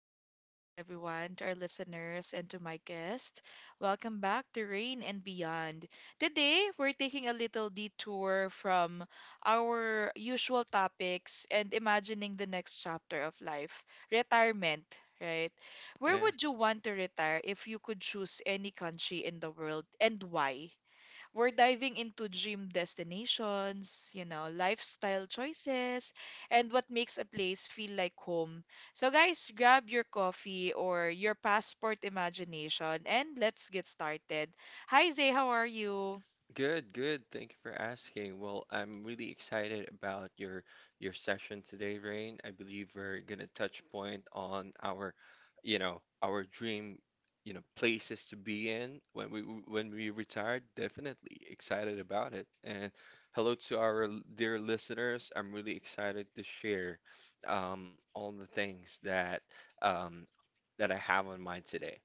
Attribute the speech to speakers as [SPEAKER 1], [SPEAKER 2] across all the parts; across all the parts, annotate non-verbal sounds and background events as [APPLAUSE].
[SPEAKER 1] Welcome back, everyone, to our listeners and to my guest. Welcome back to Rain and Beyond. Today, we're taking a little detour from our usual topics and imagining the next chapter of life retirement, right? Where
[SPEAKER 2] Yeah,
[SPEAKER 1] would you want to retire if you could choose any country in the world and why? We're diving into dream destinations, you know, lifestyle choices, and what makes a place feel like home. So, guys, grab your coffee or your passport imagination and let's get started. Hi, Zay, how are you?
[SPEAKER 2] good, good. Thank you for asking. Well, I'm really excited about your session today, Rain. I believe we're gonna touch point on our dream, places to be in when we retire. Definitely excited about it. And hello to our dear listeners. I'm really excited to share all the things that um, that I have on mind today.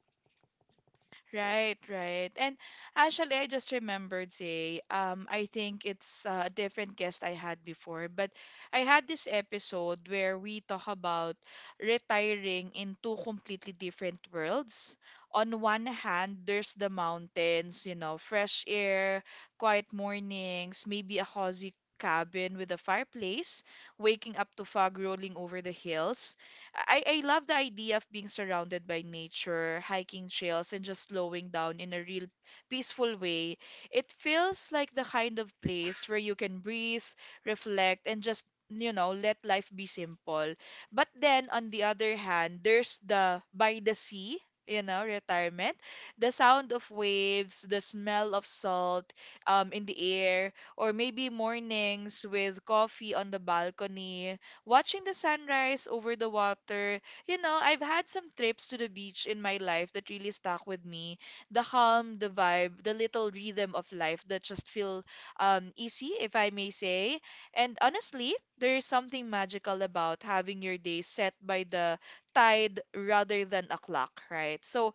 [SPEAKER 1] Right, right. And actually, I just remembered, say, I think it's a different guest I had before, but I had this episode where we talk about retiring in two completely different worlds. On one hand, there's the mountains, you know, fresh air, quiet mornings, maybe a cozy cabin with a fireplace, waking up to fog rolling over the hills. I love the idea of being surrounded by nature, hiking trails, and just slowing down in a real peaceful way. It feels like the kind of place where you can breathe, reflect, and just, you know, let life be simple. But then, on the other hand, there's the by the sea. You know, retirement, the sound of waves, the smell of salt in the air, or maybe mornings with coffee on the balcony watching the sunrise over the water. You know, I've had some trips to the beach in my life that really stuck with me. The calm, the vibe, the little rhythm of life that just feel easy, if I may say. And honestly, there is something magical about having your day set by the tide rather than a clock, right? So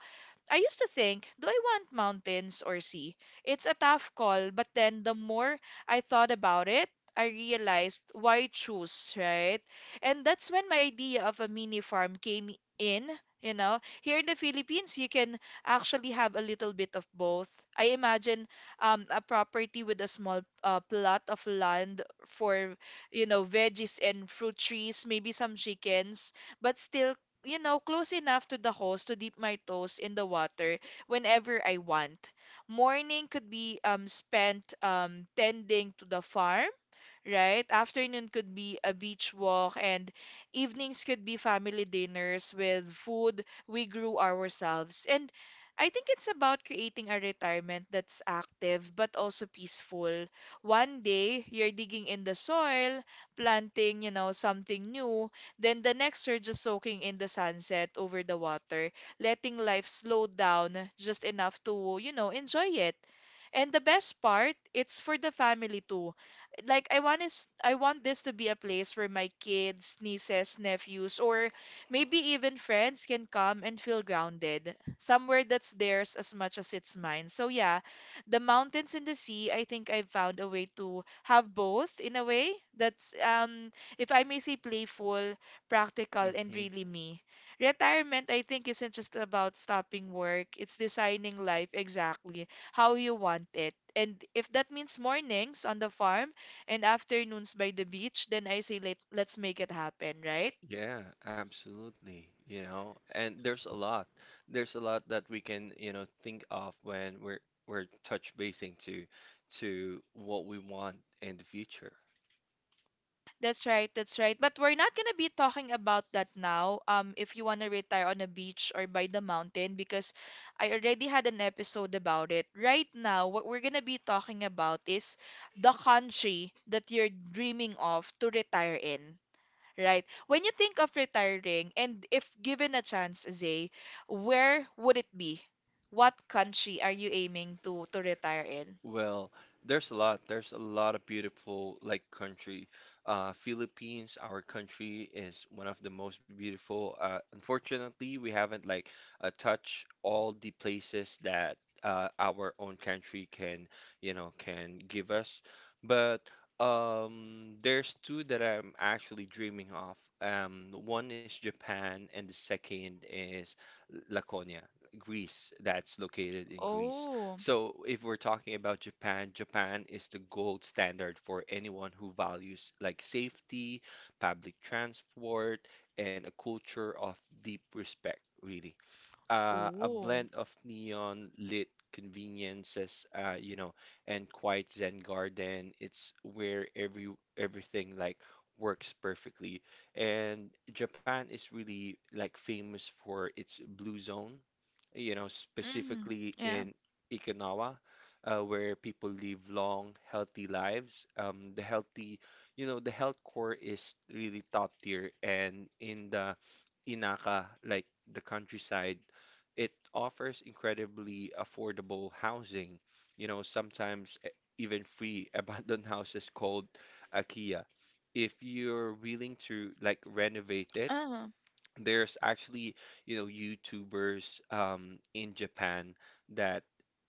[SPEAKER 1] I used to think, do I want mountains or sea? It's a tough call, but then the more I thought about it, I realized why choose, right? And that's when my idea of a mini farm came in. You know, here in the Philippines, you can actually have a little bit of both. I imagine a property with a small plot of land for, you know, veggies and fruit trees, maybe some chickens, but still you know, close enough to the holes to dip my toes in the water whenever I want. Morning could be spent tending to the farm right? Afternoon could be a beach walk, and evenings could be family dinners with food we grew ourselves. And I think it's about creating a retirement that's active but also peaceful. One day, you're digging in the soil, planting, you know, something new. Then the next, you're just soaking in the sunset over the water, letting life slow down just enough to, you know, enjoy it. And the best part, it's for the family too like I want is I want this to be a place where my kids, nieces, nephews, or maybe even friends can come and feel grounded. Somewhere that's theirs as much as it's mine. So yeah, the mountains and the sea, I think I've found a way to have both in a way that's if I may say playful, practical, and
[SPEAKER 2] Mm-hmm.
[SPEAKER 1] really me. Retirement, I think, isn't just about stopping work. It's designing life exactly how you want it. And if that means mornings on the farm, and afternoons by the beach, then I say let's make it happen, right?
[SPEAKER 2] Yeah, absolutely. You know, and there's a lot. There's a lot that we can, you know, think of when we're touch basing to what we want in the future.
[SPEAKER 1] That's right, that's right. But we're not gonna be talking about that now. If you wanna retire on a beach or by the mountain, because I already had an episode about it. Right now, what we're gonna be talking about is the country that you're dreaming of to retire in. Right. When you think of retiring, and if given a chance, Zay, where would it be? What country are you aiming to retire in?
[SPEAKER 2] Well, there's a lot. There's a lot of beautiful like country. Philippines, our country, is one of the most beautiful. Unfortunately, we haven't like touched all the places that our own country can, you know, can give us. But there's two that I'm actually dreaming of. One is Japan, and the second is Laconia, Greece. That's located in Greece.
[SPEAKER 1] Oh,
[SPEAKER 2] So, if we're talking about Japan, Japan is the gold standard for anyone who values like safety, public transport, and a culture of deep respect, really. A
[SPEAKER 1] oh.
[SPEAKER 2] blend of neon lit conveniences, and quiet Zen garden. It's where everything like works perfectly. And Japan is really like famous for its blue zone, you know,
[SPEAKER 1] Mm,
[SPEAKER 2] specifically
[SPEAKER 1] yeah.
[SPEAKER 2] in Okinawa, where people live long, healthy lives. The healthy, you know, the health core is really top tier, and in the Inaka, like the countryside, it offers incredibly affordable housing. You know, sometimes even free [LAUGHS] abandoned houses called akiya. If you're willing to like renovate it,
[SPEAKER 1] uh
[SPEAKER 2] there's actually, you know, YouTubers in Japan that,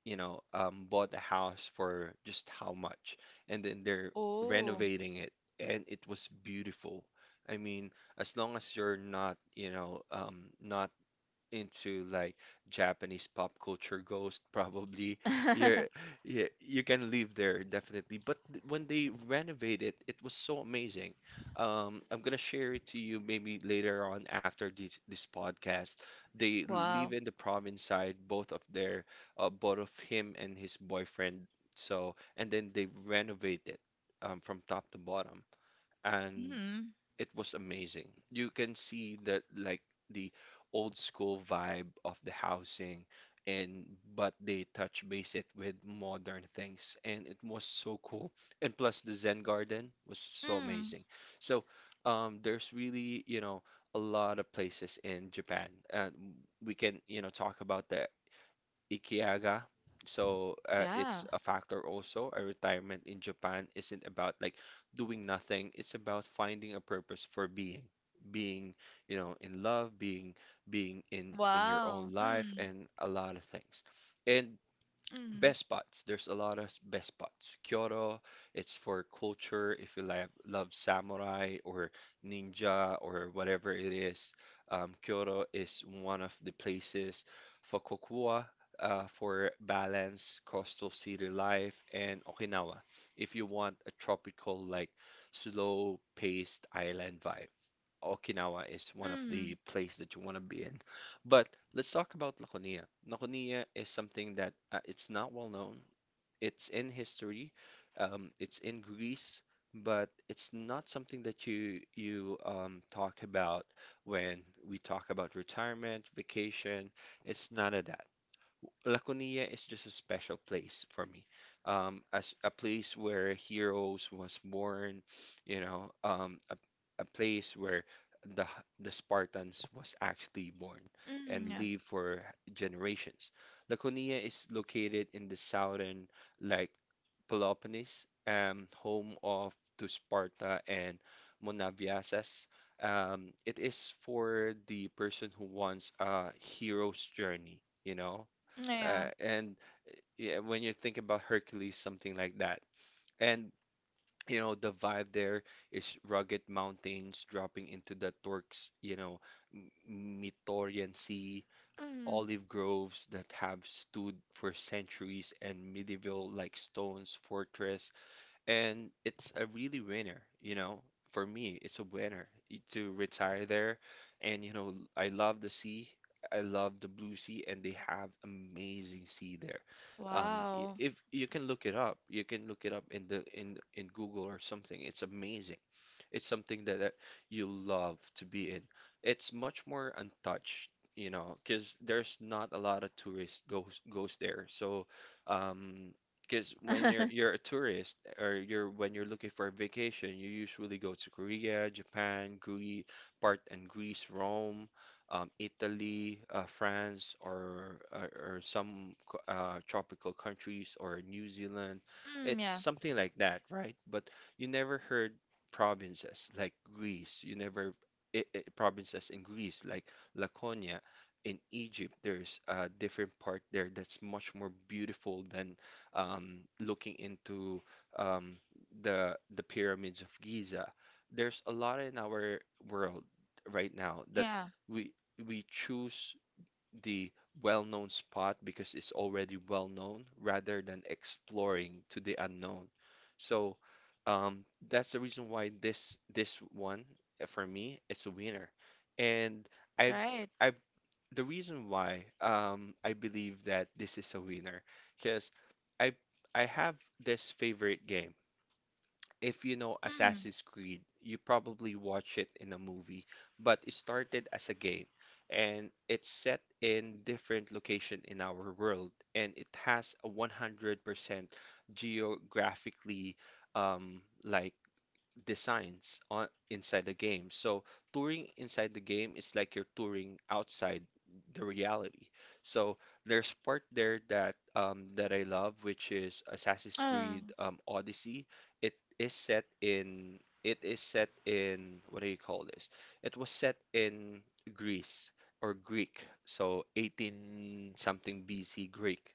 [SPEAKER 2] bought a house for just how much and then they're
[SPEAKER 1] oh.
[SPEAKER 2] renovating it, and it was beautiful. I mean, as long as you're not, you know, not into like Japanese pop culture ghost, [LAUGHS] probably you're,
[SPEAKER 1] [LAUGHS]
[SPEAKER 2] yeah, you can live there definitely. But when they renovate it, it was so amazing. I'm gonna share it to you maybe later on after this podcast. They live
[SPEAKER 1] Wow.
[SPEAKER 2] in the province side, both of both of him and his boyfriend. So, and then they renovate it from top to bottom. And
[SPEAKER 1] Mm.
[SPEAKER 2] it was amazing. You can see that like the old school vibe of the housing, and but they touch base it with modern things, and it was so cool. And plus the Zen garden was so
[SPEAKER 1] Mm,
[SPEAKER 2] amazing. So, there's really, you know, a lot of places in Japan, and we can, you know, talk about the Ikiaga. So,
[SPEAKER 1] yeah,
[SPEAKER 2] it's a factor also. A retirement in Japan isn't about like doing nothing. It's about finding a purpose for being, you know, in being in your
[SPEAKER 1] wow.
[SPEAKER 2] own life,
[SPEAKER 1] Mm,
[SPEAKER 2] and a lot of things. And
[SPEAKER 1] mm,
[SPEAKER 2] best spots. There's a lot of best spots. Kyoto, it's for culture if you love samurai or ninja or whatever it is. Kyoto is one of the places. Fukuoka, for balance, coastal city life, and Okinawa if you want a tropical, like slow-paced island vibe. Okinawa is one of
[SPEAKER 1] mm,
[SPEAKER 2] the place that you want to be in. But let's talk about Laconia. Laconia is something that, it's not well known. It's in history, it's in Greece, but it's not something that you talk about when we talk about retirement, vacation. It's none of that. Laconia is just a special place for me. As a place where heroes was born, you know, a place where the Spartans was actually born
[SPEAKER 1] mm,
[SPEAKER 2] and
[SPEAKER 1] yeah.
[SPEAKER 2] live for generations. Laconia is located in the southern, like Peloponnese, home of to Sparta and Monaviases. It is for the person who wants a hero's journey, you know,
[SPEAKER 1] Yeah.
[SPEAKER 2] and yeah, when you think about Hercules, something like that. And you know, the vibe there is rugged mountains dropping into the Turks, you know, Mittorian Sea,
[SPEAKER 1] Mm,
[SPEAKER 2] olive groves that have stood for centuries, and medieval like stones, fortress, and it's a really winner, you know. For me, it's a winner to retire there. And you know, I love the sea. I love the blue sea, and they have amazing sea there.
[SPEAKER 1] wow.
[SPEAKER 2] If you can look it up, you can look it up in the in Google or something. It's amazing. It's something that you love to be in. It's much more untouched, you know, because there's not a lot of tourists goes there. So, um, because when you're
[SPEAKER 1] [LAUGHS]
[SPEAKER 2] you're a tourist or you're when you're looking for a vacation, you usually go to Korea, Japan, Greece, part and Greece, Rome, Italy, France, or, or some tropical countries or New Zealand.
[SPEAKER 1] Mm,
[SPEAKER 2] It's
[SPEAKER 1] yeah.
[SPEAKER 2] something like that, right? But you never heard provinces like Greece. You never I I provinces in Greece like Laconia. In Egypt, there's a different part there that's much more beautiful than looking into um, the pyramids of Giza. There's a lot in our world right now that
[SPEAKER 1] Yeah.
[SPEAKER 2] we we choose the well-known spot because it's already well known rather than exploring to the unknown. So, that's the reason why this one, for me it's a winner. And I've
[SPEAKER 1] Right.
[SPEAKER 2] I've the reason why, I believe that this is a winner because I I have this favorite game. If you know
[SPEAKER 1] Mm,
[SPEAKER 2] Assassin's Creed, you probably watch it in a movie, but it started as a game, and it's set in different location in our world, and it has a 100% geographically, like designs on inside the game. So touring inside the game is like you're touring outside the reality. So there's part there that, that I love, which is Assassin's
[SPEAKER 1] uh,
[SPEAKER 2] Creed, Odyssey. It is set in, what do you call this? It was set in Greece or Greek, so 18 something BC Greek,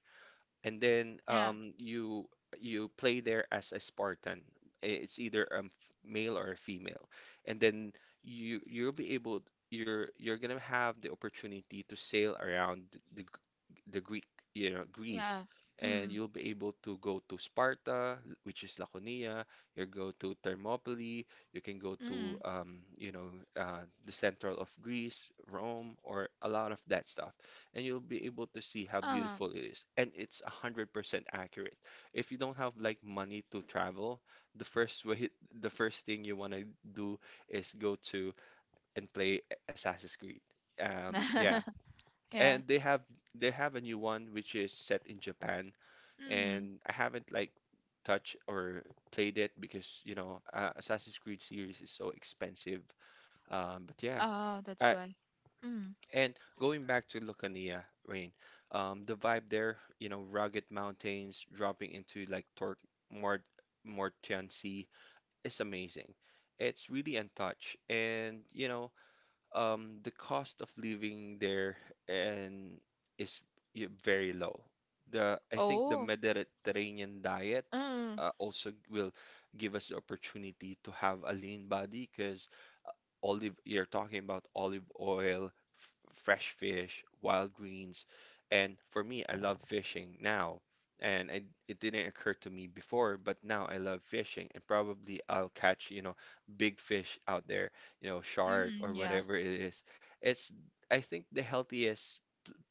[SPEAKER 2] and then,
[SPEAKER 1] yeah.
[SPEAKER 2] you play there as a Spartan. It's either male or a female, and then you, you'll be able you're gonna have the opportunity to sail around the G- the Greek, you know, Greece,
[SPEAKER 1] Yeah.
[SPEAKER 2] and
[SPEAKER 1] Mm,
[SPEAKER 2] you'll be able to go to Sparta, which is Laconia. You go to Thermopylae. You can go to,
[SPEAKER 1] mm,
[SPEAKER 2] you know, the central of Greece, Rome, or a lot of that stuff, and you'll be able to see how
[SPEAKER 1] uh.
[SPEAKER 2] beautiful it is. And it's 100% accurate. If you don't have like money to travel, the first [LAUGHS] way, the first thing you want to do is go to and play Assassin's Creed. Yeah.
[SPEAKER 1] [LAUGHS] Yeah.
[SPEAKER 2] And they have a new one which is set in Japan,
[SPEAKER 1] Mm.
[SPEAKER 2] and I haven't like touched or played it because you know, Assassin's Creed series is so expensive. But yeah,
[SPEAKER 1] Oh, that's
[SPEAKER 2] I,
[SPEAKER 1] why. Mm.
[SPEAKER 2] and going back to Lucania, Rain, the vibe there, you know, rugged mountains dropping into like Tor Mort Mortian Sea is amazing. It's really untouched, and you know, the cost of living there and is very low. The I think the
[SPEAKER 1] Oh.
[SPEAKER 2] Mediterranean diet,
[SPEAKER 1] Mm.
[SPEAKER 2] also will give us the opportunity to have a lean body because olive, you're talking about olive oil, f fresh fish, wild greens. And for me, I love fishing now. And it didn't occur to me before, but now I love fishing. And probably I'll catch, you know, big fish out there, you know, shark
[SPEAKER 1] Mm.
[SPEAKER 2] or
[SPEAKER 1] Yeah.
[SPEAKER 2] whatever it is. It's, I think, the healthiest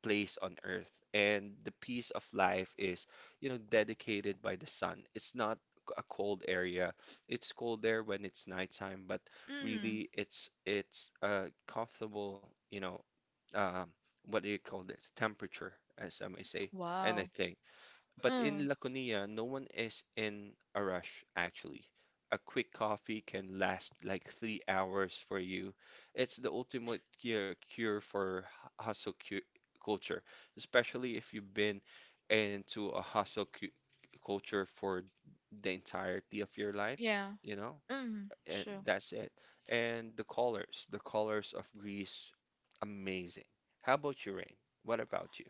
[SPEAKER 2] place on earth. And the peace of life is, you know, dedicated by the sun. It's not a cold area. It's cold there when it's nighttime, but
[SPEAKER 1] Mm.
[SPEAKER 2] really it's a comfortable, you know, um, what do you call this? Temperature, as I may say, and I
[SPEAKER 1] Wow.
[SPEAKER 2] think. But in
[SPEAKER 1] Mm.
[SPEAKER 2] Laconia, no one is in a rush, actually. A quick coffee can last like 3 hours for you. It's the ultimate cure for hustle cu culture, especially if you've been into a hustle cu culture for the entirety of your life,
[SPEAKER 1] Yeah.
[SPEAKER 2] you know?
[SPEAKER 1] Mm.
[SPEAKER 2] And
[SPEAKER 1] True.
[SPEAKER 2] that's it. And the colors of Greece, amazing. How about you, Rain? What about you?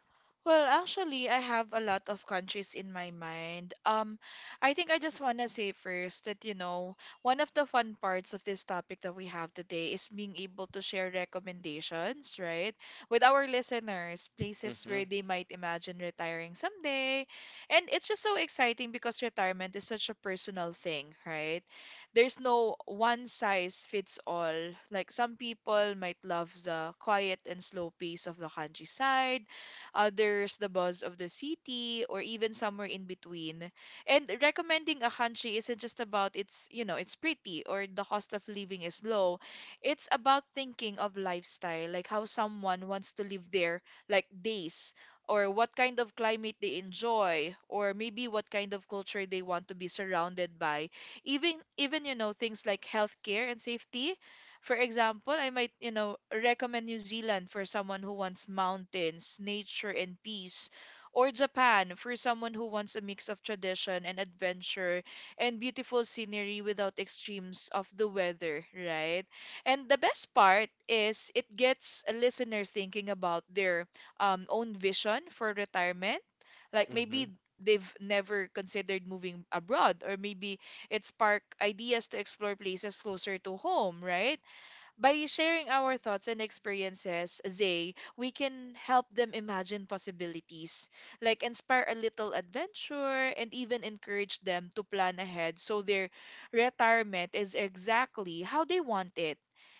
[SPEAKER 1] Well, actually, I have a lot of countries in my mind. I think I just want to say first that, you know, one of the fun parts of this topic that we have today is being able to share recommendations, right, with our listeners, places
[SPEAKER 2] Mm-hmm.
[SPEAKER 1] where they might imagine retiring someday. And it's just so exciting because retirement is such a personal thing, right? There's no one size fits all. Like some people might love the quiet and slow pace of the countryside others the buzz of the city, or even somewhere in between. And recommending a country isn't just about it's, you know, it's pretty or the cost of living is low. It's about thinking of lifestyle, like how someone wants to live there, like days, or what kind of climate they enjoy, or maybe what kind of culture they want to be surrounded by. Even you know things like healthcare and safety for example, I might, you know, recommend New Zealand for someone who wants mountains, nature, and peace, or Japan for someone who wants a mix of tradition and adventure and beautiful scenery without extremes of the weather, right? And the best part is it gets listeners thinking about their own vision for retirement. Like
[SPEAKER 2] Mm-hmm.
[SPEAKER 1] maybe they've never considered moving abroad, or maybe it spark ideas to explore places closer to home, right? By sharing our thoughts and experiences, Zay, we can help them imagine possibilities, like inspire a little adventure and even encourage them to plan ahead so their retirement is exactly how they want it.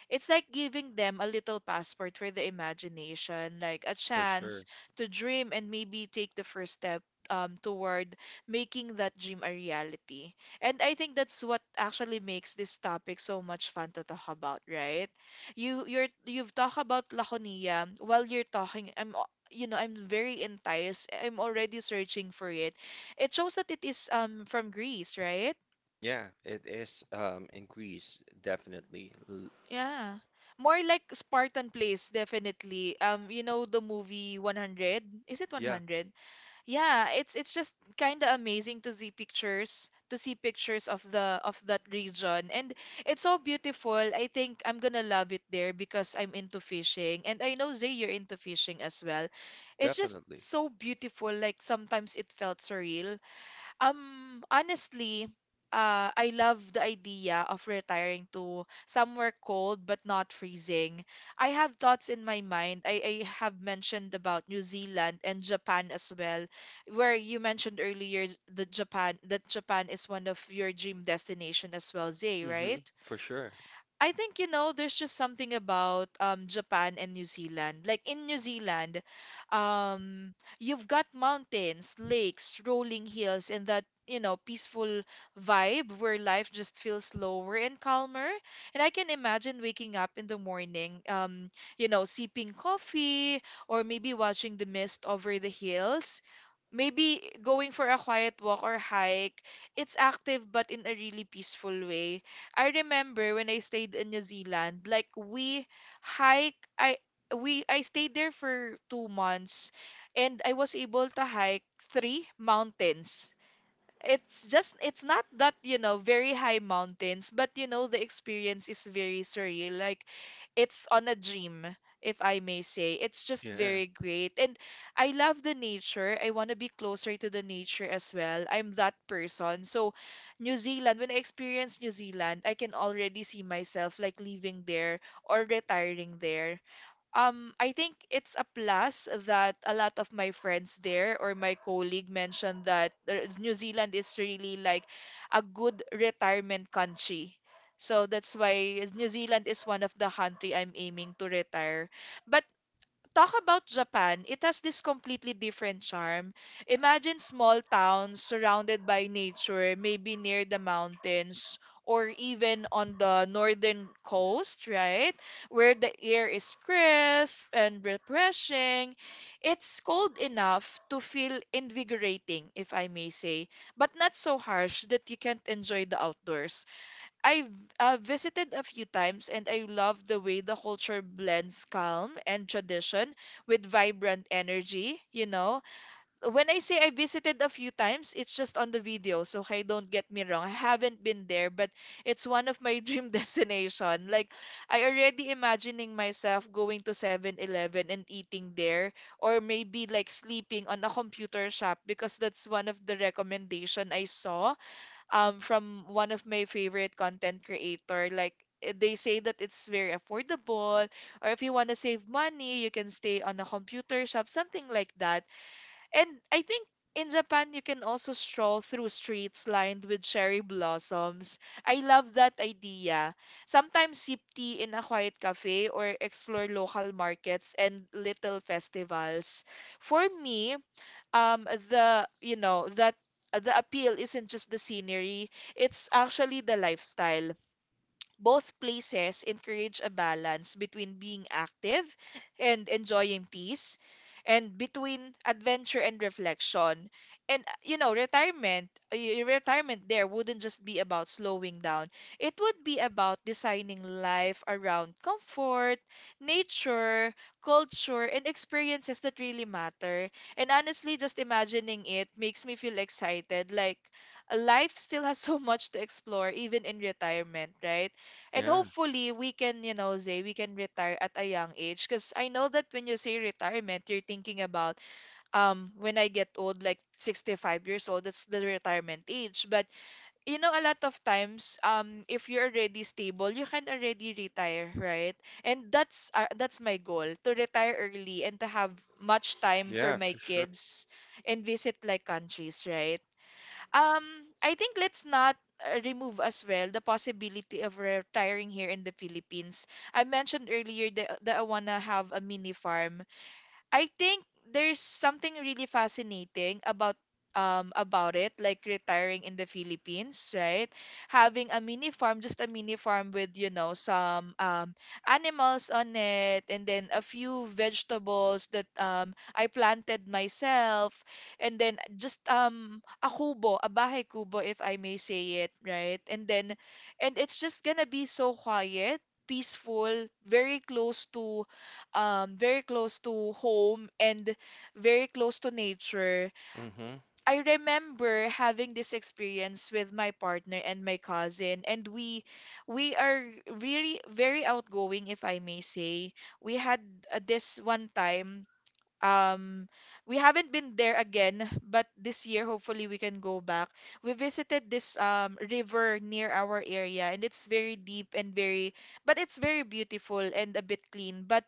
[SPEAKER 1] It's like giving them a little passport for the imagination, like a
[SPEAKER 2] For sure.
[SPEAKER 1] chance to dream and maybe take the first step toward making that dream a reality. And I think that's what actually makes this topic so much fun to talk about, right? You you're you've talked about Laconia while you're talking. I'm al- you know I'm very enticed. I'm already searching for it. It shows that it is from Greece, right?
[SPEAKER 2] Yeah, it is in Greece, definitely. L-
[SPEAKER 1] Yeah. More like Spartan place, definitely. You know the movie 100? Is it
[SPEAKER 2] Yeah,
[SPEAKER 1] 100? Yeah, it's just kind of amazing to see pictures of the of that region. And it's so beautiful. I think I'm gonna love it there because I'm into fishing. And I know Zay, you're into fishing as well. It's just
[SPEAKER 2] definitely.
[SPEAKER 1] so beautiful. Like sometimes it felt surreal honestly, I love the idea of retiring to somewhere cold but not freezing. I have thoughts in my mind. I have mentioned about New Zealand and Japan as well, where you mentioned earlier the Japan that Japan is one of your dream destination as well, Zay,
[SPEAKER 2] Mm-hmm.
[SPEAKER 1] right?
[SPEAKER 2] For sure.
[SPEAKER 1] I think, you know, there's just something about Japan and New Zealand. Like in New Zealand, um, you've got mountains, lakes, rolling hills, and that, you know, peaceful vibe where life just feels slower and calmer. And I can imagine waking up in the morning, you know, sipping coffee or maybe watching the mist over the hills. Maybe going for a quiet walk or hike. It's active but in a really peaceful way. I remember when I stayed in New Zealand, like we hike I we I stayed there for 2 months and I was able to hike three mountains. It's just it's not that you know very high mountains but you know the experience is very surreal. Like it's on a dream if I may say it's just
[SPEAKER 2] Yeah.
[SPEAKER 1] very great. And I love the nature. I want to be closer to the nature as well. I'm that person. So new zealand when I experience new zealand I can already see myself like living there or retiring there. I think it's a plus that a lot of my friends there or my colleague mentioned that New Zealand is really like a good retirement country. So that's why New Zealand is one of the country I'm aiming to retire. But talk about Japan, it has this completely different charm. Imagine small towns surrounded by nature, maybe near the mountains or even on the northern coast, right? Where the air is crisp and refreshing. It's cold enough to feel invigorating, if I may say, but not so harsh that you can't enjoy the outdoors. I've visited a few times and I love the way the culture blends calm and tradition with vibrant energy, you know. When I say I visited a few times, it's just on the videos, okay? Don't get me wrong. I haven't been there, but it's one of my [LAUGHS] dream destination. Like I already imagining myself going to 7-Eleven and eating there, or maybe like sleeping on a computer shop because that's one of the recommendation I saw from one of my favorite content creator, like they say that it's very affordable, or if you want to save money you can stay on a computer shop, something like that. And I think in Japan you can also stroll through streets lined with cherry blossoms. I love that idea. Sometimes sip tea in a quiet cafe, or explore local markets and little festivals. For me, the you know that the appeal isn't just the scenery, it's actually the lifestyle. Both places encourage a balance between being active and enjoying peace, and between adventure and reflection. And retirement there wouldn't just be about slowing down, it would be about designing life around comfort, nature, culture and experiences that really matter. And honestly, just imagining it makes me feel excited. Like, life still has [LAUGHS] so much to explore even in retirement, right? And
[SPEAKER 2] Yeah.
[SPEAKER 1] hopefully we can, you know, Zay, we can retire at a young age. Because I know that when you say retirement, you're thinking about when I get old, like 65 years old, that's the retirement age. But you know, a lot of times, if you're already stable, you can already retire, right? And that's my goal, to retire early and to have much time for
[SPEAKER 2] Yeah,
[SPEAKER 1] my
[SPEAKER 2] for sure.
[SPEAKER 1] kids and visit like countries, right? Um, I think let's not remove as well the possibility of retiring here in the Philippines. I mentioned earlier that I wanna have a mini farm. I think there's something really fascinating about it, like retiring in the Philippines, right? Having a mini farm, just a mini farm with, you know, some animals on it, and then a few vegetables that I planted myself, and then just a kubo, a bahay kubo, if I may say it, right? And then and it's just gonna be so quiet, peaceful, very close to home, and very close to nature.
[SPEAKER 2] Mm-hmm.
[SPEAKER 1] I remember having this experience with my partner and my cousin, and we are really very outgoing, if I may say. We had this one time, um we haven't been there again, but this year hopefully we can go back. We visited this river near our area, and it's very deep and very, but it's very beautiful and a bit clean. But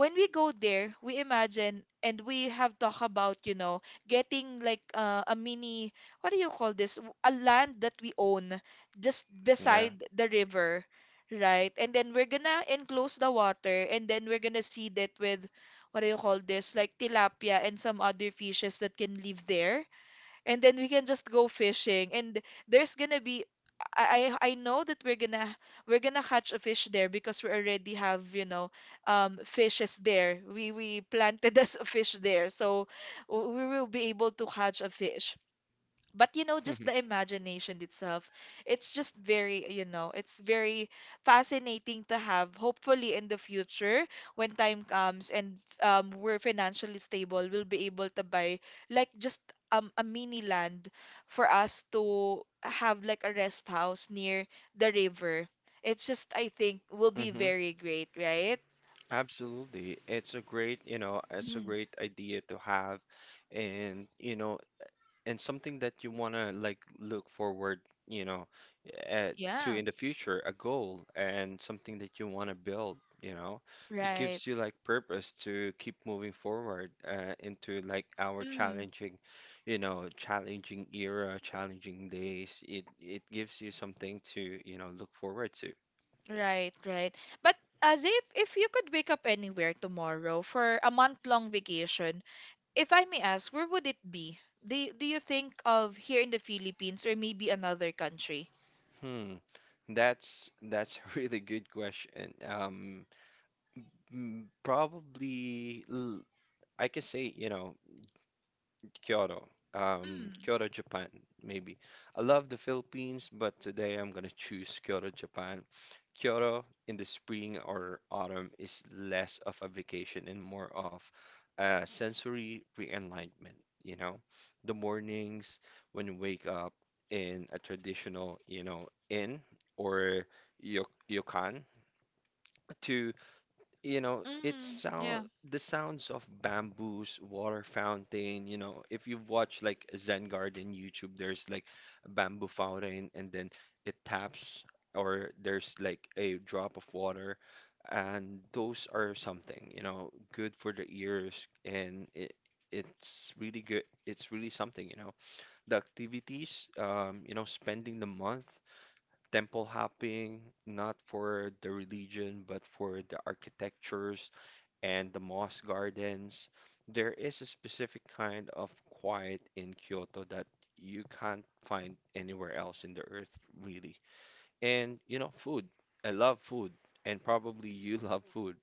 [SPEAKER 1] when we go there we imagine, and we have talked about, you know, getting like a mini, what do you call this, a land that we own just
[SPEAKER 2] Yeah.
[SPEAKER 1] beside the river, right? And then we're gonna enclose the water, and then we're gonna seed it with, what do you call this, like tilapia and some other fishes that can live there. And then we can just go fishing. And there's gonna be I know that we're gonna catch a fish there, because we already have, you know, fishes there. We planted [LAUGHS] as a fish there. So we will be able to catch a fish. But you know, just the
[SPEAKER 2] [LAUGHS]
[SPEAKER 1] imagination itself, it's just, very you know, it's very fascinating to have hopefully in the future, when time comes and we're financially stable, we'll be able to buy like just a mini land for us to have like a rest house near the river. It's just, I think, will be
[SPEAKER 2] Mm-hmm.
[SPEAKER 1] very great, right?
[SPEAKER 2] Absolutely. It's a great, you know, it's a
[SPEAKER 1] Mhm.
[SPEAKER 2] great idea to have and, you know, and something that you want to like look forward, you know, uh, to
[SPEAKER 1] Yeah,
[SPEAKER 2] in the future, a goal and something that you want to build, you know. It
[SPEAKER 1] right.
[SPEAKER 2] gives you like purpose to keep moving forward, into like our challenging, you know, challenging era, challenging days. It gives you something to, you know, look forward to.
[SPEAKER 1] Right, right. But, as if you could wake up anywhere tomorrow for a month-long vacation, if I may ask, where would it be? Do you think of here in the Philippines, or maybe another country?
[SPEAKER 2] Hmm. That's [LAUGHS] a really good question. Mm, probably I can say, you know, Kyoto.
[SPEAKER 1] Mm.
[SPEAKER 2] Kyoto, Japan, maybe. I love the Philippines, but today I'm gonna choose Kyoto, Japan. Kyoto in the spring or autumn is less of a vacation and more of a sensory re-enlightenment, you know? The mornings when you wake up in a traditional, you know, inn or ryokan to it
[SPEAKER 1] Mm,
[SPEAKER 2] sound
[SPEAKER 1] yeah.
[SPEAKER 2] the sounds of bamboos, water fountain, you know, if you've watched like Zen Garden YouTube, there's like a bamboo fountain and then it taps or there's like a drop of water and those are something, you know, good for the ears and it's really good. It's really something, you know. The activities, you know, spending the month temple hopping, not for the religion, but for the architectures and the moss gardens. There is a specific kind of quiet in Kyoto that you can't find anywhere else in the earth, really. And you know, food. I love food, and probably [LAUGHS] you love food.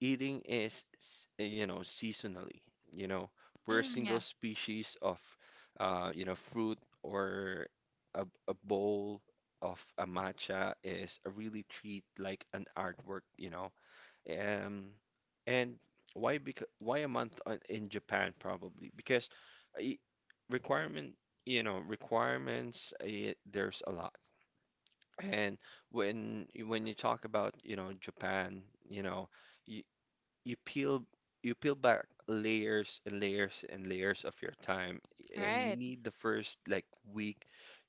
[SPEAKER 2] Eating is, you know, seasonally. You know, per
[SPEAKER 1] Mm,
[SPEAKER 2] single
[SPEAKER 1] yeah.
[SPEAKER 2] species of, you know, fruit or a bowl of a matcha is a really treat, like an artwork. Um, and why because why a month on, in Japan probably? Because I- requirement, you know, requirements, there's a lot. And when you talk about, you know, Japan, you know, you, you peel you peel back layers and layers and layers of your time and you
[SPEAKER 1] Right,
[SPEAKER 2] need the first like week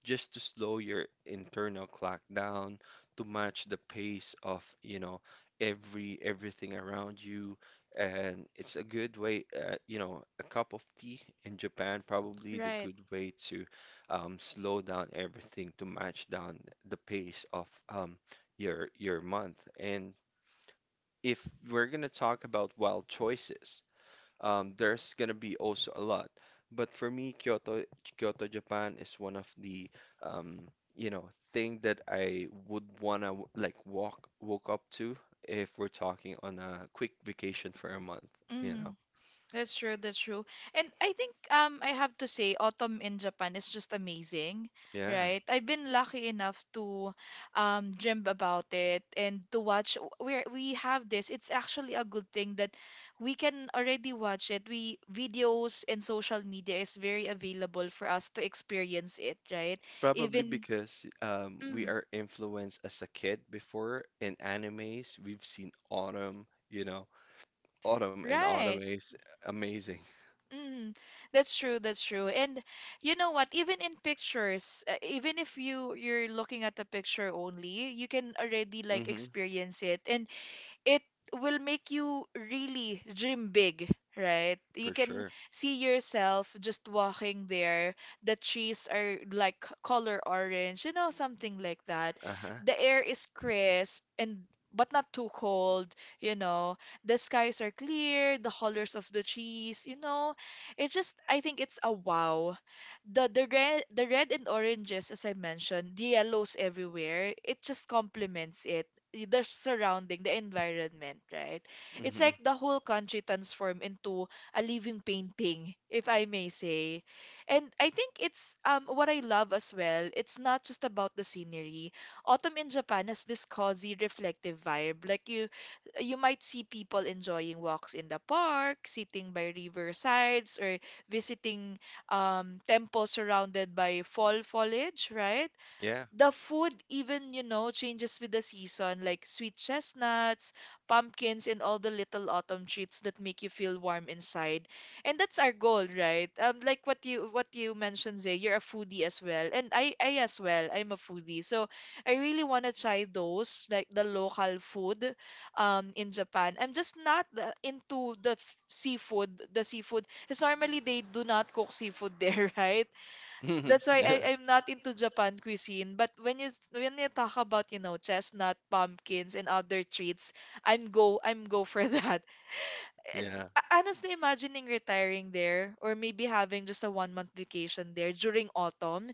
[SPEAKER 2] just to slow your internal clock down to match the pace of you know everything around you and it's a good way you know a cup of tea in Japan probably the
[SPEAKER 1] right.
[SPEAKER 2] good way to slow down everything to match down the pace of your month and if we're going to talk about wild choices, there's going to be also a lot. But for me, Kyoto, Japan is one of the, um, you know, thing that I would want to like walk, woke up to if we're talking on a quick vacation for a month, you know?
[SPEAKER 1] Hmm. That's true, that's true. And I think I have to say autumn in Japan is just amazing.
[SPEAKER 2] Yeah.
[SPEAKER 1] Right. I've been lucky enough to dream about it, and to watch, where we have this. It's actually a good thing that we can already watch it. We videos and social media is very available for us to experience it, right?
[SPEAKER 2] Probably
[SPEAKER 1] Even.
[SPEAKER 2] because we
[SPEAKER 1] Mm,
[SPEAKER 2] are influenced as a kid before in animes. We've seen autumn, you know, autumn
[SPEAKER 1] right.
[SPEAKER 2] is amazing.
[SPEAKER 1] Mm, that's true, that's true. And you know what, even in pictures, even if you're looking at the picture only, you can already
[SPEAKER 2] [LAUGHS]
[SPEAKER 1] like
[SPEAKER 2] Hmm,
[SPEAKER 1] experience it. And it will make you really dream big, right?
[SPEAKER 2] for
[SPEAKER 1] You can
[SPEAKER 2] sure.
[SPEAKER 1] see yourself just walking there. The trees are like color orange, you know, something like that.
[SPEAKER 2] Uh-huh.
[SPEAKER 1] The air is crisp and, but not too cold, you know. The skies are clear, the colors of the trees, you know. It just, I think it's a wow, the red, the red and oranges, as I mentioned, the yellows everywhere, it just complements it. The surrounding, the environment, right? It's
[SPEAKER 2] Hmm.
[SPEAKER 1] like the whole country transformed into a living painting, if I may say. And I think it's, what I love as well, it's not just about the scenery. Autumn in Japan has this cozy, reflective vibe. Like, you might see people enjoying walks in the park, sitting by riversides, or visiting temple surrounded by fall foliage, right?
[SPEAKER 2] Yeah.
[SPEAKER 1] The food even, you know, changes with the season, like sweet chestnuts, pumpkins, and all the little autumn treats that make you feel warm inside. And that's our goal, right? Like what you mentioned, Zay, you're a foodie as well, and I as well, I'm a foodie, so I really want to try those, like the local food, in Japan. I'm just not into the seafood. The seafood, because normally they do not cook seafood there, [LAUGHS] right? That's
[SPEAKER 2] [LAUGHS]
[SPEAKER 1] why
[SPEAKER 2] Yeah.
[SPEAKER 1] I, I'm not into Japan cuisine. But when you talk about, you know, chestnut, pumpkins, and other treats, I'm go for [LAUGHS] that.
[SPEAKER 2] Yeah.
[SPEAKER 1] Honestly, imagining retiring there, or maybe having just a 1 month vacation there during autumn,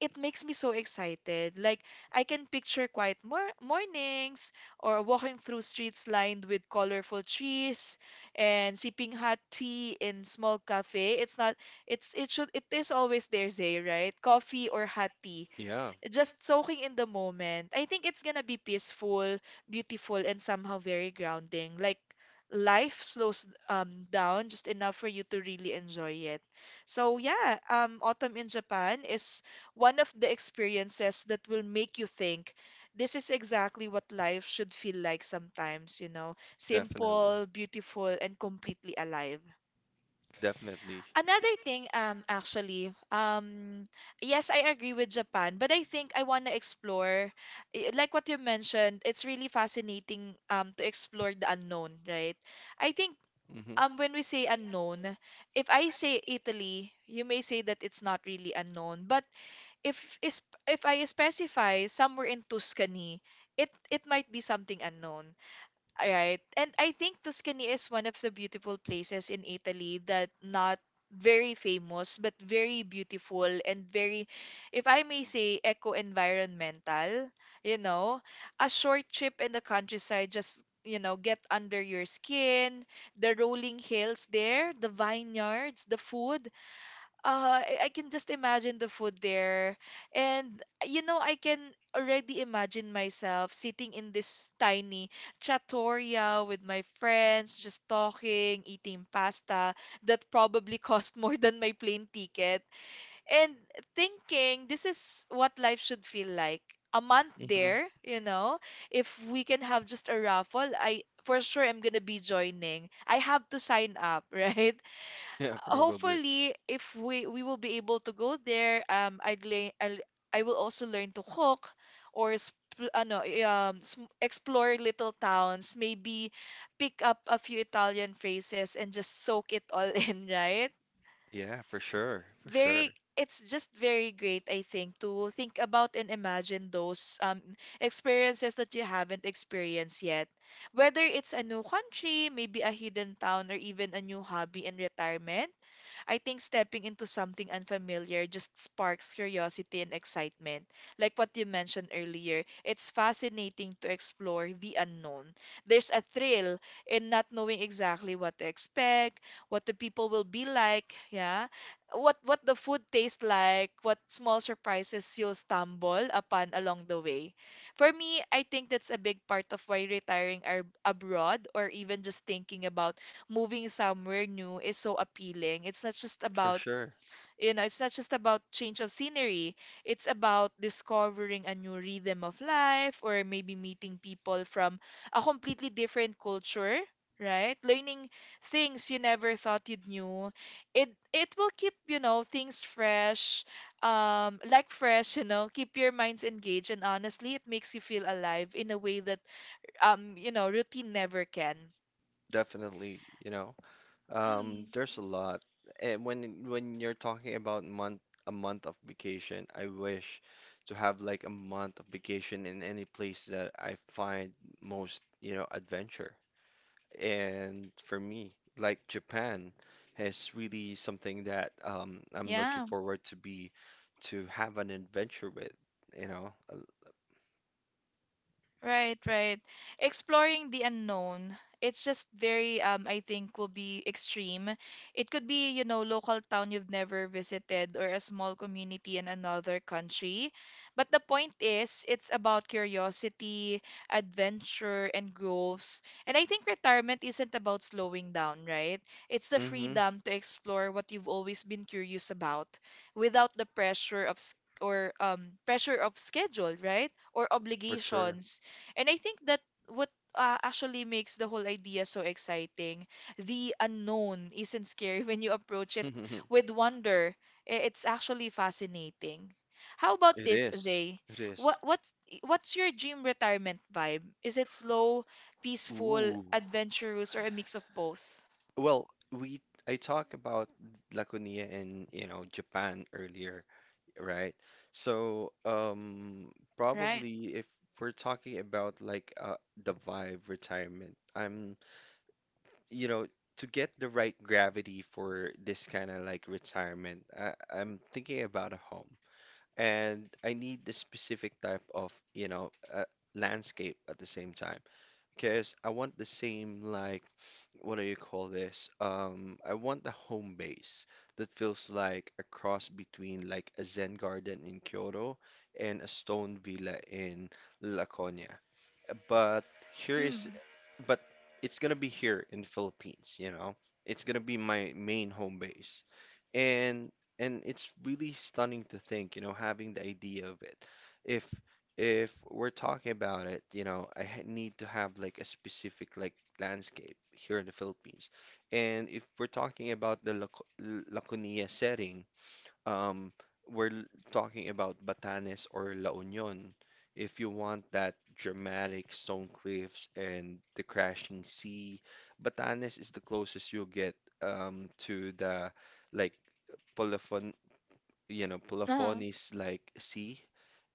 [SPEAKER 1] it makes me so excited. Like, I can picture quiet mornings, or walking through streets lined with colorful trees, and sipping hot tea in small cafe. It's not, it's it should it is always there, Zay, right? Coffee or hot tea,
[SPEAKER 2] Yeah,
[SPEAKER 1] just soaking in the moment. I think it's gonna be peaceful, beautiful, and somehow very grounding. Like, life slows down just enough for you to really enjoy it. So yeah, autumn in Japan is one of the experiences that will make you think. This is exactly what life should feel like sometimes, you know,
[SPEAKER 2] definitely.
[SPEAKER 1] simple, beautiful, and completely alive.
[SPEAKER 2] Definitely.
[SPEAKER 1] Another thing, actually, yes, I agree with Japan, but I think I want to explore, like what you mentioned, it's really fascinating, to explore the unknown, right? I think,
[SPEAKER 2] Mm-hmm.
[SPEAKER 1] when we say unknown, if I say Italy, you may say that it's not really unknown, but if is if I specify somewhere in Tuscany, it might be something unknown. Right. And I think Tuscany is one of the beautiful places in Italy, that not very famous, but very beautiful and very, if I may say, eco-environmental, you know. A short trip in the countryside just, you know, get under your skin, the rolling hills there, the vineyards, the food. I can just imagine the food there. And you know, I can already imagine myself sitting in this tiny trattoria with my friends, just talking, eating pasta that probably [LAUGHS] cost more than my plane ticket, and thinking, this is what life should feel like. A month
[SPEAKER 2] Mm-hmm.
[SPEAKER 1] there, you know, if we can have just a raffle, I for sure am gonna be joining. I have to sign up, [LAUGHS] right?
[SPEAKER 2] Yeah, probably.
[SPEAKER 1] Hopefully if we will be able to go there, I will also learn to cook, or explore little towns, maybe pick up a few Italian phrases and just soak it all [LAUGHS] in, right?
[SPEAKER 2] Yeah, for sure. For sure.
[SPEAKER 1] Very, it's just very great, I think, to think about and imagine those experiences that you haven't experienced yet, whether it's a new country, maybe a hidden town, or even a new hobby in retirement. I think stepping into something unfamiliar just sparks curiosity and excitement. Like what you mentioned earlier, it's fascinating to explore the unknown. There's a thrill in not knowing exactly what to expect, what the people will be like, yeah, what the food tastes like, what small surprises you'll stumble upon along the way. For me, I think that's a big part of why retiring abroad, or even just thinking about moving somewhere new, is so appealing. It's not just
[SPEAKER 2] For
[SPEAKER 1] about,
[SPEAKER 2] sure.
[SPEAKER 1] you know, it's not just about change of scenery. It's about discovering a new rhythm of life, or maybe meeting people from a completely different culture, right? Learning things you never thought you'd knew. It will keep, you know, things fresh, [LAUGHS] you know, keep your minds engaged, and honestly, it makes you feel alive in a way that you know, routine never can.
[SPEAKER 2] Definitely, you know.
[SPEAKER 1] Mm,
[SPEAKER 2] There's a lot. And when you're talking about month a month of vacation, I wish to have like a month of vacation in any place that I find most, you know, adventure. And for me, like Japan is really something that I'm looking
[SPEAKER 1] yeah.
[SPEAKER 2] forward to be to have an adventure with, you know.
[SPEAKER 1] Right, right. Exploring the unknown. It's just very, I think, will be extreme. It could be, local town you've never visited or a small community in another country. But the point is, it's about curiosity, adventure, and growth. And I think retirement isn't about slowing down, right? It's the
[SPEAKER 2] Mm-hmm,
[SPEAKER 1] freedom to explore what you've always been curious about without the pressure of s- or pressure of schedule, right? Or
[SPEAKER 2] for sure.
[SPEAKER 1] obligations. And I think that what actually makes the whole idea so exciting, the unknown isn't scary [LAUGHS] when you approach it
[SPEAKER 2] [LAUGHS]
[SPEAKER 1] with
[SPEAKER 2] It
[SPEAKER 1] wonder. It's actually fascinating. How about this,
[SPEAKER 2] is.
[SPEAKER 1] Zay?
[SPEAKER 2] It is.
[SPEAKER 1] What what's what's your dream retirement vibe? Is it slow, peaceful,
[SPEAKER 2] Ooh.
[SPEAKER 1] adventurous, or a mix of both?
[SPEAKER 2] Well, we I talked about Laconia and, you know, Japan earlier. Right. So,
[SPEAKER 1] Right?
[SPEAKER 2] probably if we're talking about like the Vive retirement, you know, to get the right gravity for this kind of like retirement, I'm thinking about a home and I need the specific type of, you know, landscape at the same time because I want the same like what do you call this? I want the home base that feels like a cross between like a Zen garden in Kyoto and a stone villa in La Coña. But here is
[SPEAKER 1] Mm.
[SPEAKER 2] but it's gonna be here in the Philippines, you know. It's gonna be my main home base. And and it's really stunning to think, you know, having the idea of it. If if we're talking about it, you know, need to have like a specific like landscape here in the Philippines. And if we're talking about the Laconia setting, um, we're l- talking about Batanes or La Union. If you want that dramatic stone cliffs and the crashing sea, Batanes is the closest you'll get to the like Polofon, you know,
[SPEAKER 1] Uh,
[SPEAKER 2] Polofonis like sea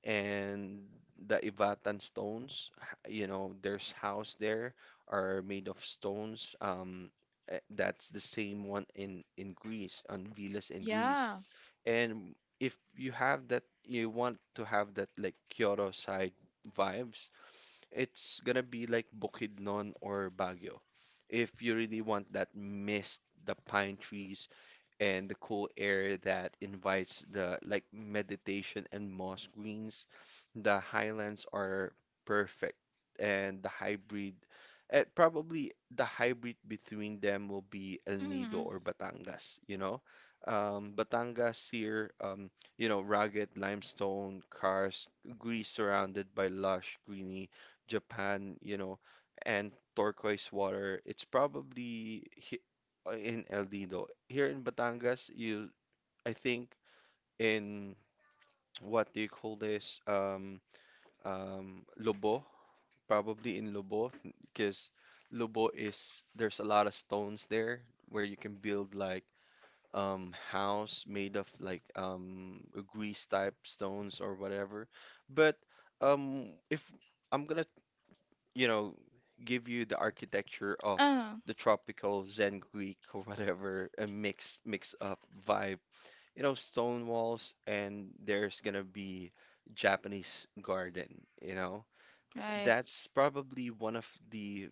[SPEAKER 2] and the Ivatan stones, you know, there's house there are made of stones. That's the same one in Greece, on Vilas in Greece.
[SPEAKER 1] yeah.
[SPEAKER 2] And if you have that, you want to have that like Kyoto side vibes, it's gonna be like Bukidnon or Baguio. If you really want that mist, the pine trees, and the cool air that invites the like meditation and moss greens, the highlands are perfect. And the hybrid, probably the hybrid between them will be El Nido or Batangas, you know? Batangas here, you know, rugged limestone, karst, grease surrounded by lush, greeny Japan, you know, and turquoise water. It's probably he in El Nido. Here in Batangas, you I think in what do you call this? Lobo, probably in Lobo, because Lobo is there's a lot of stones there where you can build like house made of like grease type stones or whatever. But if I'm gonna you know, give you the architecture of
[SPEAKER 1] Uh,
[SPEAKER 2] the tropical Zen Greek or whatever, a mix up vibe. You know, stone walls and there's gonna be Japanese garden, you know.
[SPEAKER 1] right.
[SPEAKER 2] That's probably one of the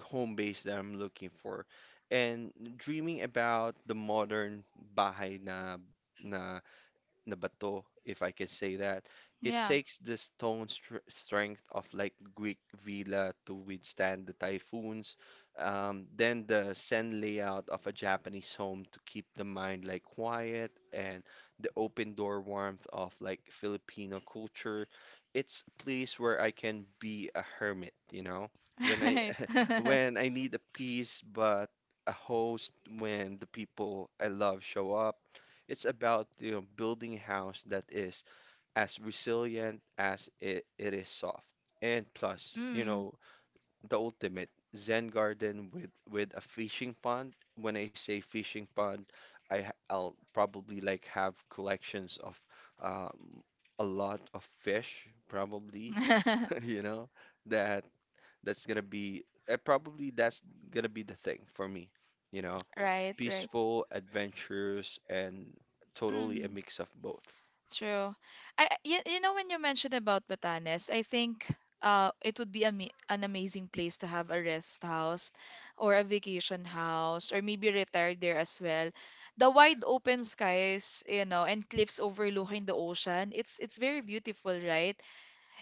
[SPEAKER 2] home base that I'm looking for. And dreaming about the modern bahay na Nabato, if I can say that. It
[SPEAKER 1] Yeah.
[SPEAKER 2] takes the stone strength of like Greek villa to withstand the typhoons, then the Zen layout of a Japanese home to keep the mind like quiet, and the open door warmth of like Filipino culture. It's a place where I can be a hermit, you know, when
[SPEAKER 1] [LAUGHS]
[SPEAKER 2] I
[SPEAKER 1] Right.
[SPEAKER 2] [LAUGHS]
[SPEAKER 1] [LAUGHS]
[SPEAKER 2] when I need a peace, but a host when the people I love show up it's about you know, building a house that is as resilient as it is soft. And plus, you
[SPEAKER 1] Mm.
[SPEAKER 2] know, the ultimate Zen garden with a fishing pond. When I say fishing pond, I'll probably like have collections of um, a lot of fish, probably, [LAUGHS]
[SPEAKER 1] [LAUGHS]
[SPEAKER 2] you know, that that's gonna be probably that's gonna be the thing for me, you know,
[SPEAKER 1] Right, right.
[SPEAKER 2] peaceful, adventurous, and totally a
[SPEAKER 1] Mm.
[SPEAKER 2] mix of both.
[SPEAKER 1] True. You know when you mentioned about Batanes, I think it would be ama an amazing place to have a rest house or a vacation house or maybe retire there as well. The wide open skies, you know, and cliffs overlooking the ocean, it's very beautiful, right?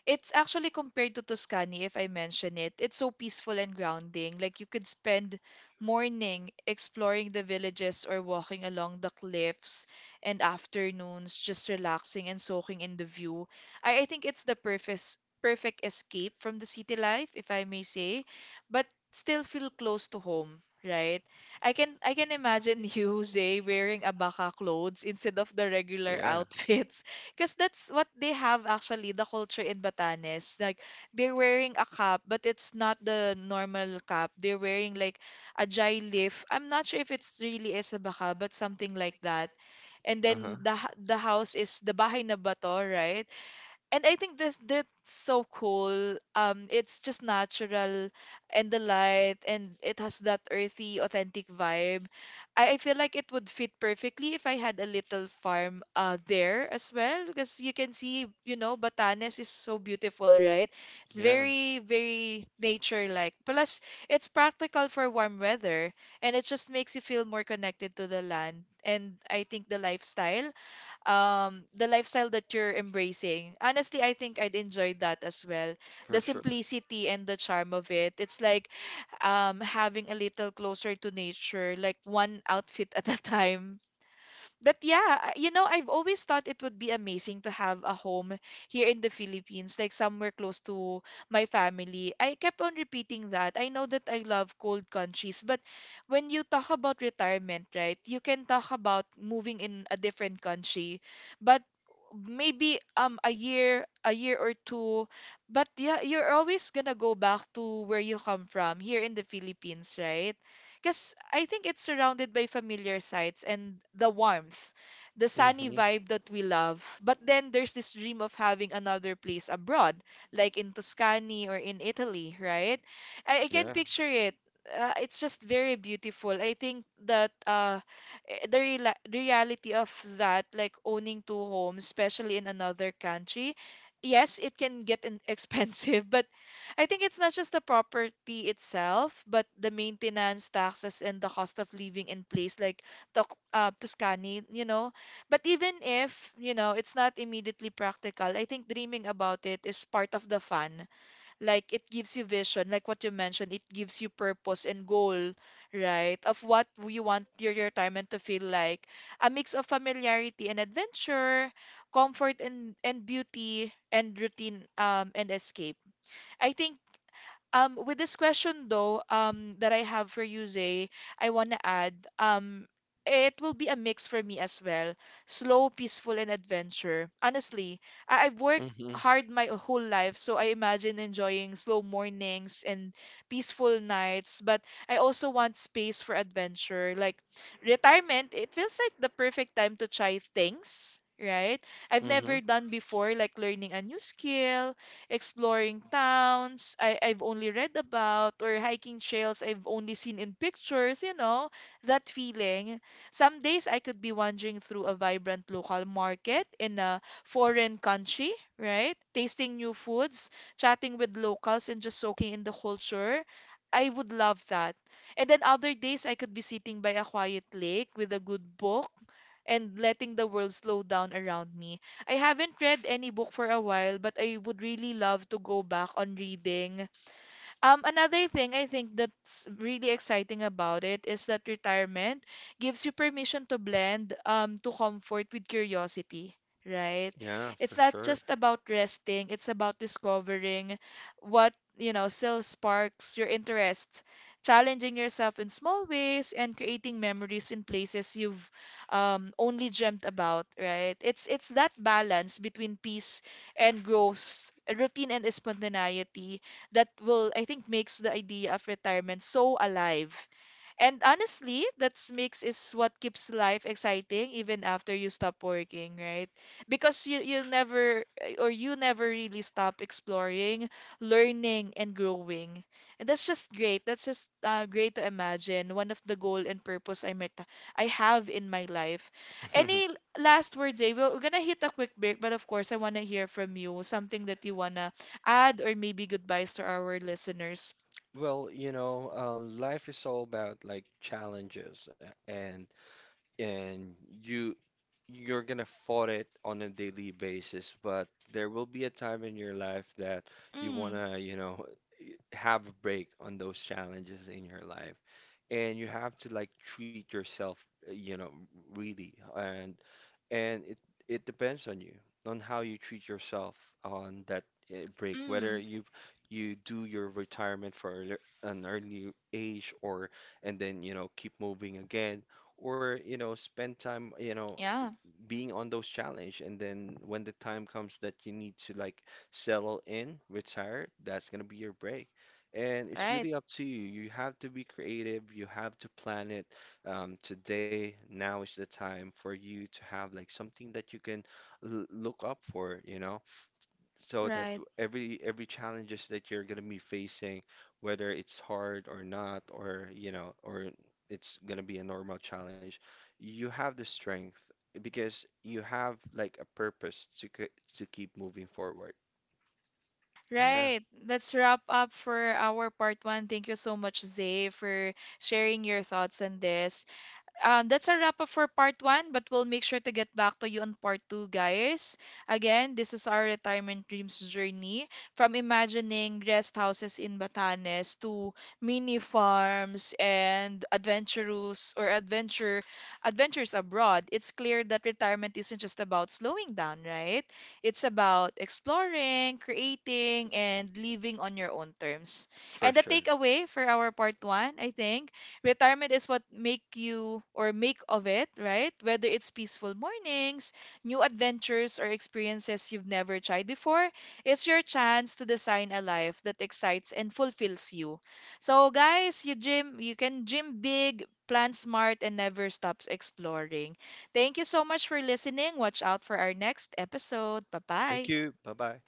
[SPEAKER 1] It's actually compared to Tuscany, if I mention it. It's so peaceful and grounding. Like you could spend morning, exploring the villages or walking along the cliffs, and afternoons, just relaxing and soaking in the view. I think it's the perfect escape from the city life, if I may say, but still feel close to home, right? I can imagine you, [LAUGHS] Zay, wearing abaka clothes instead of the regular [LAUGHS]
[SPEAKER 2] Yeah.
[SPEAKER 1] outfits. Because that's what they have actually, the culture in Batanes. Like they're wearing a cap, but it's not the normal cap. They're wearing like ajay leaf. I'm not sure if it's really isa baka, but something like that. And then
[SPEAKER 2] Uh-huh.
[SPEAKER 1] the house is the bahay na bato, right? And I think this that's so cool. It's just natural and the light, and it has that earthy, authentic vibe. I feel like it would fit perfectly if I had a little farm there as well, because you can see, you know, Batanes is so beautiful, right? It's
[SPEAKER 2] Yeah,
[SPEAKER 1] very, very nature-like. Plus, it's practical for warm weather, and it just makes you feel more connected to the land. And I think the lifestyle that you're embracing, honestly, I think I'd enjoy that as well. The
[SPEAKER 2] for sure.
[SPEAKER 1] simplicity and the charm of it. It's like having a little closer to nature, like one outfit [LAUGHS] at a time. But yeah, I've always thought it would be amazing to have a home here in the Philippines, like somewhere close to my family. I kept on repeating that. I know that I love cold countries, but when you talk about retirement, right, you can talk about moving in a different country, but maybe a year or two. But yeah, you're always gonna go back to where you come from here in the Philippines, right? Because I think it's surrounded by familiar sights and the warmth, the sunny
[SPEAKER 2] Mm-hmm.
[SPEAKER 1] vibe that we love. But then there's this dream of having another place abroad, like in Tuscany or in Italy, right? I can
[SPEAKER 2] Yeah.
[SPEAKER 1] picture it. It's just very beautiful. I think that eh, the reala reality of that, like owning two homes, especially in another country, yes, it can [LAUGHS] expensive, but I think it's not just the property itself, but the maintenance, taxes, and the cost of living in place like Toc Tuscany, you know. But even if, you know, it's not immediately practical, I think dreaming about it is part of the fun. Like it gives you vision, like what you mentioned, it gives you purpose and goal, right? Of what you want your retirement to feel like. A mix of familiarity and adventure, comfort and beauty, and routine and escape. I think with this question though, that I have for you, Zay, I want to add, it will be a mix for me as well. Slow, peaceful, and adventure. Honestly, I've worked
[SPEAKER 2] Mm-hmm.
[SPEAKER 1] hard my whole life, so I imagine enjoying slow mornings and peaceful nights, but I also want space for adventure. Like retirement, it feels like the perfect time to try things, right? I've
[SPEAKER 2] Mm-hmm.
[SPEAKER 1] never done before, like learning a new skill, exploring towns I've only read about, or hiking trails I've only seen in pictures, you know, that feeling. Some days I could be wandering through a vibrant local market in a foreign country, right? Tasting new foods, chatting with locals, and just soaking in the culture. I would love that. And then other days I could be sitting by a quiet lake with a good book and letting the world slow down around me. I haven't read any book for a while, but I would really love to go back on reading. Another thing I think that's really exciting about it is that retirement gives you permission to blend to comfort with curiosity, right?
[SPEAKER 2] Yeah,
[SPEAKER 1] It's
[SPEAKER 2] for
[SPEAKER 1] not
[SPEAKER 2] sure.
[SPEAKER 1] just about resting, it's about discovering what, you know, still sparks your interest, challenging yourself in small ways, and creating memories in places you've only dreamt about, right? It's that balance between peace and growth, routine and spontaneity that will, I think, makes the idea of retirement so alive. And honestly, that makes is what keeps life exciting even after you stop working, right? Because you never really stop exploring, learning, and growing. And that's just great. That's just great to imagine. One of the goal and purpose I have in my life. Any
[SPEAKER 2] [LAUGHS]
[SPEAKER 1] last words, Jay? We're gonna hit a quick break, but of course I wanna hear from you. Something that you wanna add or maybe goodbyes to our listeners?
[SPEAKER 2] Well, you know, life is all about like challenges a- and and you you're gonna fought it on a daily basis, but there will be a time in your life that you
[SPEAKER 1] Mm,
[SPEAKER 2] wanna, you know, [LAUGHS] have a break on those challenges in your life. And you have to like treat yourself, you know, really. And it depends on you on how you treat yourself on that break whether
[SPEAKER 1] mm,
[SPEAKER 2] you you do your retirement for an early age or and then you know keep moving again or you know spend time you know
[SPEAKER 1] yeah,
[SPEAKER 2] being on those challenge and then when the time comes that you need to like settle in retire that's going to be your break and it's
[SPEAKER 1] right,
[SPEAKER 2] really up to you you have to be creative you have to plan it today, now is the time for you to have like something that you can l look up for, you know, so that
[SPEAKER 1] right.
[SPEAKER 2] every challenges that you're gonna be facing, whether it's hard or not, or you know, or it's gonna be a normal challenge, you have the strength because you have like a purpose to to keep moving forward. Yeah,
[SPEAKER 1] Right. Let's wrap up for our part one. Thank you so much, Zay, for sharing your thoughts on this. That's a wrap up for part one, but we'll make sure to get back to you on part two, guys. Again, this is our retirement dreams journey, from imagining guest houses in Batanes to mini farms and adventurous or adventure adventures abroad. It's clear that retirement isn't just about slowing down, right? It's about exploring, creating, and living on your own terms.
[SPEAKER 2] for
[SPEAKER 1] And the
[SPEAKER 2] sure.
[SPEAKER 1] takeaway for our part one, I think retirement is what make you or make of it, right? Whether it's peaceful mornings, new adventures, or experiences you've never tried before, it's your chance to design a life that excites and fulfills you. So, guys, you can dream big, plan smart, and never stop exploring. Thank you so much for listening. Watch out for our next episode. Bye bye.
[SPEAKER 2] Thank you. Bye bye.